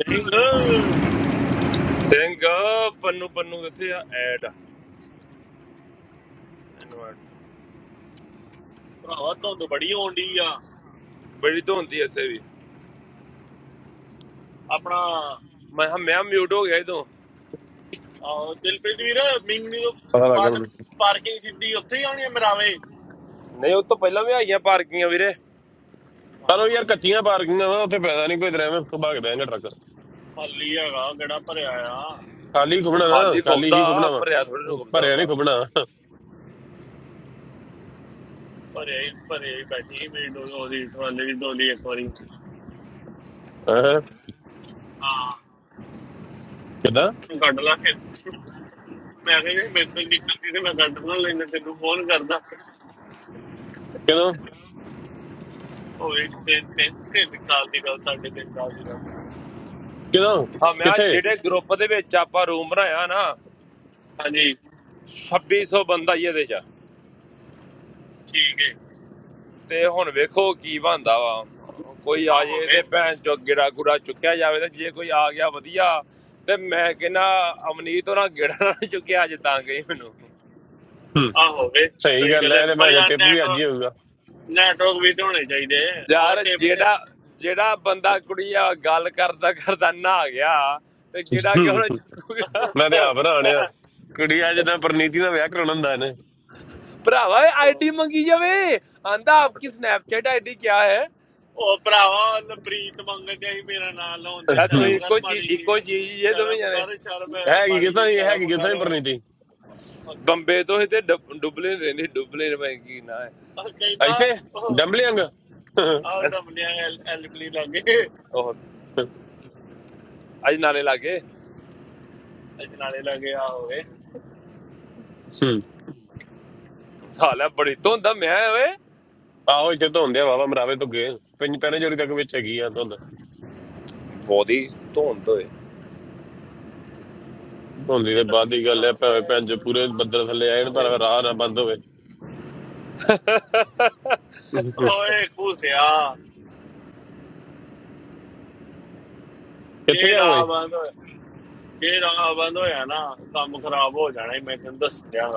ਨਹੀਂ ਲ- ਸਿੰਘ ਪੰਨੂ ਪੰਨੂ ਕਿੱਥੇ ਆ ਐਡ ਇਨਵਰਟ ਭਰਾਵਾ ਧੁੰਦ ਬੜੀ ਹੋਣ ਡਈ ਆ ਬੜੀ ਧੁੰਦੀ ਇੱਥੇ ਵੀ ਆਪਣਾ ਮੈਂ ਕਿਹਾ ਮੈਂ ਮਿਊਟ ਹੋ ਗਿਆ ਇਦੋਂ ਆਹ, ਦਿਲਪ੍ਰੀਤ ਵੀਰ ਮਿੰਗਣੀ ਤੋਂ Hello, ਬਾਅਦ brother. ਪਾਰਕਿੰਗ ਸਿੱਧੀ ਉੱਥੇ ਹੀ ਆਉਣੀ ਆ ਮਰਾਵੇ ਨਹੀਂ ਉਹ ਤੋਂ ਪਹਿਲਾਂ ਵੀ ਆਈਆਂ ਪਾਰਕਿੰਗਾਂ ਵੀਰੇ Hello, ਹਾਂ ਖਾਲੀ ਹੈਗਾ ਗੜਾ ਭਰਿਆ ਆ ਉਹ ਖਾਲੀ ਖੁੱਬਦਾ ਭਰਿਆ ਥੋੜੀ ਨੂੰ ਖੁੱਬਦਾ ਹੁੰਦਾ ਭਰਿਆ ਹੀ ਭਰਿਆ ਹੀ ਬੈਠੀ ਮੇਰੀ ਡੋਲੀ ਉਹਦੀ ਟਰਾਲੇ ਦੀ ਡੋਲੀ ਇੱਕ ਵਾਰੀ ਹਾਂ ਕੱਢ ਲਾ ਫਿਰ ਮੈਂ ਕਿਹਾ ਜੇ ਮੇਰੇ ਤੋਂ ਹੀ ਨਿਕਲਦੀ ਤੇ ਮੈਂ ਕੱਢ ਨਾ ਲੈਂਦਾ ਤੈਨੂੰ ਫੋਨ ਕਰਦਾ ਉਹ ਵੀ ਤਿੰਨ ਤਿੰਨ ਤਿੰਨ ਸਾਲ ਦੀ ਗੱਲ ਸਾਡੇ ਤਿੰਨ ਸਾਲ ਦੀ ਗੱਲ ਹਾਂ ਮੈਂ ਕਿਹਾ ਜਿਹੜੇ ਗਰੁੱਪ ਦੇ ਵਿੱਚ ਆਪਾਂ ਰੂਮ ਬਣਾਇਆ ਨਾ ਹਾਂਜੀ 2600 ਬੰਦਾ ਹੀ ਇਹਦੇ ਚ ਠੀਕ ਹੈ ਤੇ ਹੁਣ ਵੇਖੋ ਕੀ ਬਣਦਾ ਵਾ ਕੋਈ ਆ ਆ ਹੋ ਜੇ ਗਏ ਤੇ ਭੈਣ ਚੋ ਗਿੜਾ ਗੁੜਾ ਚੁੱਕਿਆ ਜਾਵੇ ਤੇ ਜੇ ਕੋਈ ਆ ਗਿਆ ਵਧੀਆ ਤੇ ਮੈਂ ਕਹਿੰਦਾ ਅਮਨੀਤ ਉਹਨਾਂ ਗਿੜਾ ਨਾ ਚੁੱਕਿਆ ਅੱਜ ਤਾਂ ਗਈ ਮੈਨੂੰ ਆ ਹੋ ਗਏ ਸਹੀ ਗੱਲ ਹੈ ਪਰ ਯਾਰ ਨੈਟ ਨੈਟਵਰਕ ਵੀ ਤੇ ਹੋਣੇ ਚਾਹੀਦੇ ਆਹ ਯਾਰ ਟਿਪ ਤੇ ਜਿਹੜਾ ਜਿਹੜਾ ਬੰਦਾ ਕੁੜੀ ਆ ਗੱਲ ਕਰਦਾ ਕਰਦਾ ਨਾ ਆ ਗਿਆ ਤੇ ਜਿਹੜਾ ਕਿ ਉਹਨੇ ਚੱਕੂਗਾ ਭਰਾਵਾ ਉਹ ਆਈਡੀ ਮੰਗੀ ਜਾਵੇ ਆਂਦਾ ਆਪਕੀ ਸਨੈਪਚੈਟ ਆਈਡੀ ਕਿਆ ਹੈ ਉਹ ਭਰਾਵਾ ਲਪ੍ਰੀਤ ਮੰਗਣ ਦੇ ਮੇਰਾ ਨਾਮ ਲਾਉਂਦਾ ਤਾਂ ਤੁਸੀਂ ਸ਼ਰਮ ਕਰ ਇੱਕੋ ਚੀਜ਼ ਮਾੜੀ ਜੀ ਇੱਕੋ ਚੀਜ਼ ਹੀ ਜੇ ਦੋਵੇਂ ਸ਼ਰਮ ਜਾਣੇ ਕਰ ਸ਼ਰਮ ਮਾੜੀ ਜੀ ਸ਼ਰਮ ਕਰ ਬੰਬੇ ਤੋਂ ਹੀ ਤੇ ਡਬ- ਡੁਬਲਿਨ ਰਹਿੰਦੀ ਡੁਬਲਿਨ ਮੈਂ ਕੀ ਨਾ ਹੈ ਉਹ ਕਹਿੰਦਾ ਆਹ ਡਮਲੀਆਂ ਐਲ ਐਲਬਲੀ ਲੱਗੇ ਉਹ ਅੱਜ ਨਾਲੇ ਲਾਗੇ ਅਜਨਾਲੇ ਲੱਗੇ ਆ ਹੋਵੇ ਸਾਲਾ ਬੜੀ ਧੁੰਦ ਆ ਮੈਂ ਓਏ brother. ਬਹੁਤੀ ਧੁੰਦ ਓਏ Only ਅੱਜ the body ਲੱਗੀ gal, leh, pani ਹੋਵੇ pani, just pure. ਸੁਣਾ Badra thali, I don't know. We are alone, bandhu. ਹੋਏ ਖੂਸਿਆ ਜੇ Where are ਰਾਹ you? ਬੰਦ ਹੋਇਆ- ਜੇ ਰਾਹ ਬੰਦ ਹੋਇਆ ਨਾ ਕੰਮ ਖਰਾਬ ਹੋ ਜਾਣਾ ਹੀ ਮੈਂ ਤੈਨੂੰ ਦੱਸ ਦਿਆਂ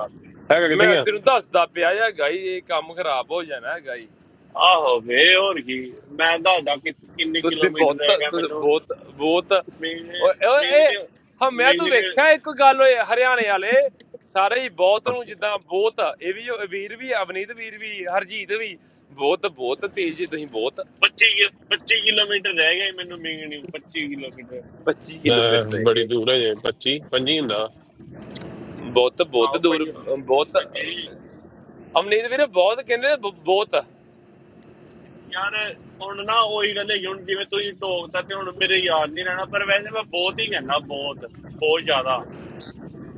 Where are ਮੈਂ you? ਤੈਨੂੰ ਦੱਸਦਾ ਪਿਆ ਆ ਗਾਈ ਇਹ ਕੰਮ ਖਰਾਬ ਹੋ ਜਾਣਾ ਗਾਈ ਆਹੋ ਵੇ ਹੋਰ ਕੀ ਮੈਂ ਦੱਸਦਾ ਕਿ ਕਿੰਨੇ ਤੁਸੀਂ ਕਿਲੋਮੀਟਰ ਬਹੁਤ ਰਹਿ ਗਿਆ ਤੁਸੀਂ ਮੈਨੂੰ ਬਹੁਤ ਬਹੁਤ ਮਿੰਗਣੇ ਓਏ ਓਏ ਇਹ ਮਿੰਗਣੇ ਹਮਿਆ ਤੂੰ ਮਿੰਗਣੇ ਵੇਖਿਆ ਇੱਕ ਗੱਲ ਓਏ ਹਰਿਆਣੇ ਵਾਲੇ ਸਾਰੇ ਹੀ ਬਹੁਤ ਨੂੰ ਜਿੱਦਾਂ ਬਹੁਤ ਇਹ ਵੀ ਉਹ ਵੀਰ ਵੀ ਅਵਨੀਤ ਵੀਰ ਵੀ ਹਰਜੀਤ ਵੀ ਬਹੁਤ ਬਹੁਤ ਤੇਜ਼ ਜੀ ਤੁਸੀਂ ਬਹੁਤ 25 ਕਿ- 25 ਕਿਲੋਮੀਟਰ ਰਹਿ ਗਏ ਮੈਨੂੰ ਮਿੰਗਣੀ 25 ਕਿਲੋਮੀਟਰ 25 Ah, ਕਿਲੋਮੀਟਰ ਰਹਿ very ਗਏ far. Yeah, Panchi, Panchi, no. ਬਹੁਤ ਬਹੁਤ ਆਹੋ ਦੂਰ ਭਾਈ ਬਹੁਤ ਭਾਈ ਅਵਨੀਤ ਵੀਰ ਬਹੁਤ ਕਹਿੰਦੇ ਬ- ਬਹੁਤ ਯਾਰ ਹੁਣ ਨਾ ਉਹੀ ਗੱਲ ਹੈ ਹੁਣ ਜਿਵੇਂ ਤੁਸੀਂ ਟੋਕਦਾ ਤੇ ਹੁਣ ਮੇਰੇ ਯਾਦ ਨਹੀਂ ਰਹਿਣਾ ਪਰ ਵੈਸੇ ਮੈਂ ਬਹੁਤ ਹੀ ਕਹਿੰਦਾ ਬਹੁਤ ਬਹੁਤ ਜ਼ਿਆਦਾ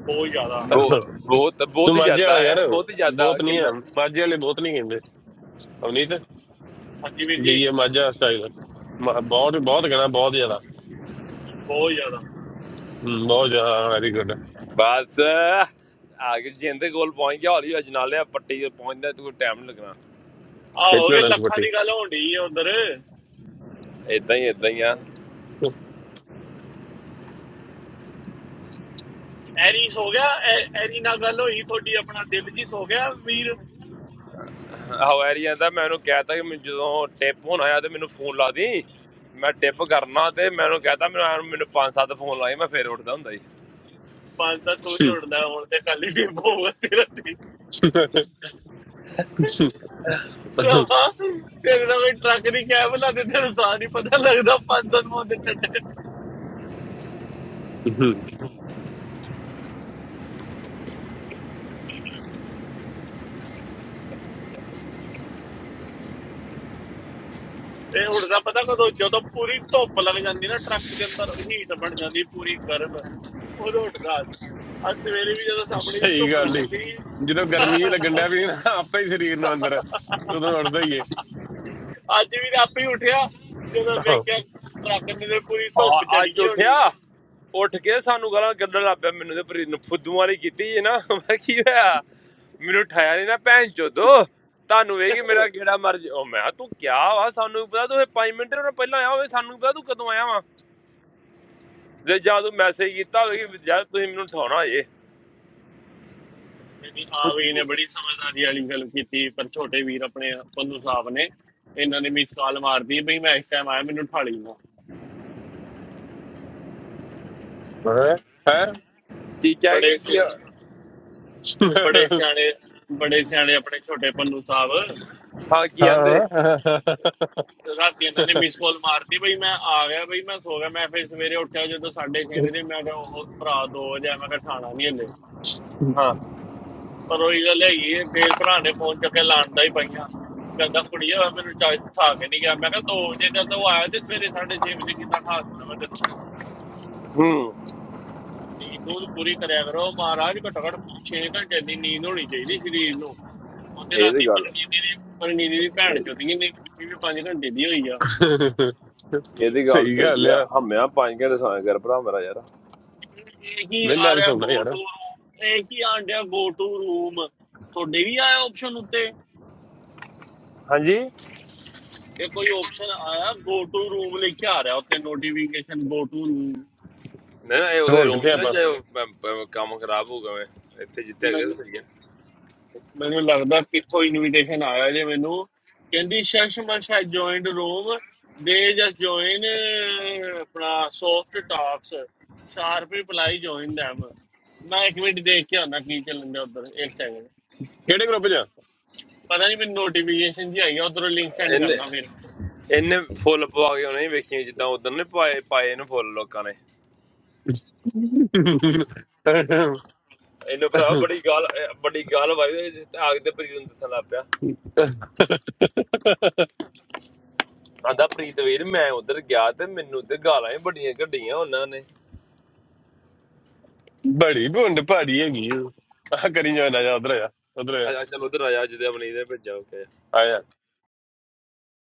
ਬਹੁਤ ਜ਼ਿਆਦਾ ਬਹੁ- ਬਹੁਤ You ਬਹੁਤ are madhya. ਜ਼ਿਆਦਾ ਹੈ Yaro, ਬਹੁਤ ਜ਼ਿਆਦਾ both ਕਿੰਨਾ niya. Madhya le, both niya kinte. Amrita, ਹਾਂਜੀ ਵੀਰ be ਜੀ ye madhya style. Mad, bad, bad kana, bad jala. ਬਹੁਤ ਜ਼ਿਆਦਾ Hmm, bad jala, very good. ਬਸ ਆ ਗਏ ਜਿੰਦੇ ਕੋਲ ਪਹੁੰਚ ਗਿਆ ਹੌਲੀ ਅਜ ਨਾਲੇ ਪੱਟੀ ਤੇ ਪਹੁੰਚਦਾ ਤੇ ਕੋਈ ਟਾਈਮ ਨਹੀਂ ਲੱਗਣਾ ਆ Which ਹੋ one? ਗਏ What? ਲੱਖਾਂ ਦੀ ਗੱਲ ਹੋਣੀ ਹੈ ਉਧਰ ਇਦਾਂ ਹੀ ਇਦਾਂ ਹੀ ਆ ਐਰੀ ਸੋ ਗਿਆ ਐ- ਐਰੀ ਨਾਲ ਗੱਲ ਹੋਈ ਤੁਹਾਡੀ ਆਪਣਾ ਦਿਲ ਜੀ ਸੋ ਗਿਆ ਵੀਰ ਹਵਾਰੀ ਜਾਂਦਾ ਮੈਂ ਉਹਨੂੰ ਕਹਿਤਾ ਕਿ ਮੈਨੂੰ ਜਦੋਂ ਟਿਪ ਹੋਣਾ ਆ ਤੇ ਮੈਨੂੰ ਫੋਨ ਲਾ ਦੀ ਮੈਂ ਟਿਪ ਕਰਨਾ ਤੇ ਮੈਂ ਉਹਨੂੰ ਕਹਿਤਾ ਮੈਨੂੰ ਐਂ ਮੈਨੂੰ ਪੰਜ ਸੱਤ ਫੋਨ ਲਾਏ ਮੈਂ ਫੇਰ ਉੱਠਦਾ ਹੁੰਦਾ ਜੀ ਪੰਜ ਤਾਂ ਤੂੰ ਨਹੀਂ ਉੜਦਾ ਹੁਣ ਤੇ ਖਾਲੀ ਡਿੱਬੋ ਹੋਊਗਾ ਤੇਰਾ ਤੇ Funny. ਰਾਵਾ ਤੇਰੇ ਦਾ ਵੀ ਟਰੱਕ ਨਹੀਂ ਕੈਬ ਲਾਦੇ ਤੈਨੂੰ ਸਾਹ ਨਹੀਂ ਪਤਾ ਲੱਗਦਾ ਪੰਜ ਸਨ ਮੋਂ ਦੇ ਟੱਟੇ Hmm. ਇਹ ਉੜਦਾ ਪਤਾ ਕਦੋਂ ਜਦੋਂ ਪੂਰੀ ਧੁੱਪ ਲੱਗ ਜਾਂਦੀ ਨਾ ਟਰੱਕ ਦੇ ਅੰਦਰ ਹੀਟ ਬਣ ਜਾਂਦੀ ਪੂਰੀ ਗਰਮ ਉਦੋਂ ਉੱਠਦਾ ਅੱਜ ਸਵੇਰੇ ਵੀ ਜਦੋਂ ਸਾਹਮਣੇ ਦੀ Funny ਧੁੱਪ gal, le. ਲੰਘਦੀ You know, summer is a wonder. You know, after this body is inside. You know, that's why. ਅੱਜ ਵੀ ਤਾਂ ਆਪੇ ਹੀ ਉੱਠਿਆ ਜਦੋਂ Ah. ਵੇਖਿਆ ਟਰੱਕ ਨੇ ਤੇ ਪੂਰੀ ਧੁੱਪ ਆ- ਚੜੀ ਅੱਜ ਗਈ ਹੋਣੀ ਉੱਠਿਆ ਉੱਠ ਕੇ ਸਾਨੂੰ ਗਾਲਾਂ ਕੱਢਣ ਲੱਗ ਪਿਆ ਮੈਨੂੰ ਤੇ ਪ੍ਰੀਤ ਨੂੰ ਫੁੱਦੂ ਵਾਲੀ ਕੀਤੀ ਹੈ ਨਾ ਮੈਂ ਕੀ ਹੋਇਆ ਮੈਨੂੰ ਠਾਇਆ ਨਹੀਂ ਨਾ ਭੈਣ ਚੋਦੋ ਤੁਹਾਨੂੰ ਵੇਗੀ ਮੇਰਾ ਕਿਹੜਾ ਮਰ ਜ- ਉਹ ਮੈਂ ਕਿਹਾ, ਤੂੰ ਕਿਆ ਵਾ ਸਾਨੂੰ ਪਤਾ ਤੂੰ 5 ਮਿੰਟ ਉਹਨਾਂ ਪਹਿਲਾਂ ਆਇਆ ਹੋਵੇ ਸਾਨੂੰ ਪਤਾ ਤੂੰ ਕਦੋਂ ਆਇਆ ਵਾ ਜੇ ਜਾਂ ਤੂੰ ਮੈਸੇਜ ਕੀਤਾ ਹੋਵੇ ਕਿ ਯਾਰ ਤੁਸੀਂ ਮੈਨੂੰ ਉਠਾਉਣਾ ਇਹਦੀ ਆਵੀ ਏ ਨੇ ਬੜੀ ਸਮਝਦਾਰੀ ਵਾਲੀ ਗੱਲ ਕੀਤੀ ਪਰ ਛੋਟੇ ਵੀਰ ਆਪਣੇ ਪੰਨੂ ਸਾਹਿਬ ਨੇ ਇਹਨਾਂ ਨੇ ਮਿਸ ਕਾਲ ਮਾਰਦੀ ਬਈ ਮੈਂ ਇਸ ਟਾਈਮ ਆਇਆ ਮੈਨੂੰ ਉਠਾ ਲਈ ਨਾ Huh? Huh? ਠੀਕ ਹੈ ਕਿ ਬੜੇ ਕੀ ਸਿ- ਬੜੇ ਸਿਆਣੇ ਬੜੇ ਸਿਆਣੇ ਆਪਣੇ ਛੋਟੇ ਪੰਨੂ ਸਾਹਿਬ ਹਾਂ ਕੀ ਆਂਦੇ ਹਾਂ। ਰਾਤੀ ਇਹਨਾਂ ਨੇ ਮਿਸ ਕਾਲ ਮਾਰਤੀ ਬਈ ਮੈਂ ਆ ਗਿਆ ਬਈ ਮੈਂ ਸੋ ਗਿਆ ਮੈਂ ਫਿਰ ਸਵੇਰੇ ਉੱਠਿਆ ਜਦੋਂ 6:30 ਵਜੇ ਮੈਂ ਕਿਹਾ ਉਹ ਭਰਾ 2 ਵਜੇ ਆ, ਮੈਂ ਕਿਹਾ ਠਾਣਾ ਨਹੀਂ ਹਲੇ ਹਾਂ ਪਰ ਉਹੀ ਗੱਲ ਹੈਗੀ ਹੈ, ਫਿਰ ਭਰਾ ਨੇ ਫੋਨ ਚੱਕ ਕੇ ਲਾਂਦਾ ਹੀ ਪਈਆਂ ਕਹਿੰਦਾ ਕੁੜੀਆ ਮੈਨੂੰ ਚਾਹ ਖਾ ਕੇ ਨਹੀਂ ਗਿਆ ਮੈਂ ਕਿਹਾ 2 ਵਜੇ ਦਾ ਤਾਂ ਉਹ ਆਇਆ ਤੇ ਸਵੇਰੇ 6:30 ਵਜੇ ਕਿੱਦਾਂ ਖਾ ਦੇਣਾ ਮੈਂ ਤੈਨੂੰ ਹੂੰ ਨੀਂਦ ਨੂੰ ਪੂਰੀ ਕਰਿਆ ਕਰੋ ਮਹਾਰਾਜ ਘੱਟੋ ਘੱਟ 6 ਘੰਟੇ ਦੀ ਨੀਂਦ ਹੋਣੀ ਚਾਹੀਦੀ ਸਰੀਰ ਨੂੰ ਉਹਦੇ ਰਾਤੀ ਇਹਦੀ ਗੱਲ ਪਰਨੀਤ ਦੀ ਪਰਨੀਤ ਦੀ ਭੈਣ ਚੋਦੀ ਇਹ- ਨੇ ਵੀ 5 ਘੰਟੇ ਦੀ ਹੋਈ ਆ ਇਹਦੀ ਗੱਲ ਸਹੀ ਸਹੀ ਗੱਲ ਆ ਆ। ਹਮਿਆ ਪੰਜ ਘੰਟੇ ਸੌਂ ਕਰ ਭਰਾ ਮੇਰਾ ਯਾਰ ਇਹ ਇਹ ਕੀ ਨਹੀਂ ਆ ਮੈਂ ਤਾਂ ਰਿਹਾ ਸੌਣਾ ਗੋ ਯਾਰ, ਟੂ ਰੂਮ ਇਹ ਕੀ ਆਂਡਿਆ ਗੋ ਟੂ ਰੂਮ ਤੁਹਾਡੇ ਵੀ ਆਇਆ ਆਪਸ਼ਨ ਉੱਤੇ ਹਾਂਜੀ ਨਹੀਂ ਇਹ ਕੋਈ ਆਪਸ਼ਨ ਆਇਆ ਗੋ ਟੂ ਰੂਮ ਲਿਖਿਆ ਆ ਰਿਹਾ ਉੱਤੇ ਨੋਟੀਫਿਕੇਸ਼ਨ ਗੋ ਟੂ ਰੂਮ ਨਾ ਇਹ ਉਹਦੇ ਹੋਰ ਰੂਮ ਕਿੱਥੇ 'ਚ ਨਾ ਆਪਾਂ, ਜਾਇਓ ਪ- ਪ- ਕੰਮ ਖਰਾਬ ਹੋ ਗਿਆ ਇੱਥੇ ਜਿੱਥੇ ਹੈਗੇ ਮੈਨੂੰ ਤਾਂ ਸਹੀ ਆ ਮੈਨੂੰ ਲੱਗਦਾ ਕਿੱਥੋਂ ਇਨਵੀਟੇਸ਼ਨ ਆਇਆ ਜੇ ਮੈਨੂੰ ਕਹਿੰਦੀ ਸ਼ਸ਼ਮਾ ਸ਼ਾਇਦ ਜੁਆਇਨਡ ਰੂਮ ਦੇ ਜਸ ਜੁਆਇਨ ਆਪਣਾ soft talks sharp reply join them ਮੈਂ ਇੱਕ ਮਿੰਟ ਦੇਖ ਕੇ ਆਉਣਾ ਕੀ ਚੱਲਣ ਦਾ ਉਧਰ ਇੱਕ ਸੈਕਿੰਡ ਕਿਹੜੇ ਗਰੁੱਪ ਜਾ ਪਤਾ ਨਹੀਂ ਮੈਨੂੰ ਨੋਟੀਫਿਕੇਸ਼ਨ ਜੀ ਆਈ ਆ ਉਧਰੋਂ ਲਿੰਕ ਸੈਂਡ ਇਹਨੇ ਕਰਦਾ ਫਿਰ ਇਹਨੇ ਫੁੱਲ ਪਵਾ ਕੇ ਉਹਨੇ ਵੇਖੀਆਂ ਜਿੱਦਾਂ ਉਦੋਂ ਨੇ ਪਾਏ ਪਾਏ ਇਹਨੂੰ ਫੁੱਲ ਲੋਕਾਂ ਨੇ ਇਹਨੂੰ ਭਰਾ ਬੜੀ ਗੱਲ ਅਹ ਬੜੀ ਗੱਲ ਵਾਈ ਜਿਸ ਤੇ ਆਗ ਤੇ ਪ੍ਰੀਤ ਨੂੰ ਦੱਸਣ ਲੱਗ ਪਿਆ ਆਂਦਾ ਪ੍ਰੀਤ ਵੀਰ ਮੈਂ ਉਧਰ ਗਿਆ ਤੇ ਮੈਨੂੰ ਤੇ ਗਾਲਾਂ ਹੀ ਬੜੀਆਂ ਕੱਢੀਆਂ ਉਹਨਾਂ ਨੇ ਬੜੀ ਬੁੰਡ ਭਾਰੀ ਹੈਗੀ ਆ। ਆਹ ਕਰੀ ਜਾਣਾ, ਜਾ ਉਧਰ ਜਾ, ਉਧਰ ਆ ਜਾ ਚਲ ਉਧਰ ਆ ਜਾ ਜਿਹਦੇ ਆਪਣੀ ਦੇ ਭੇਜਾ ਓਕੇ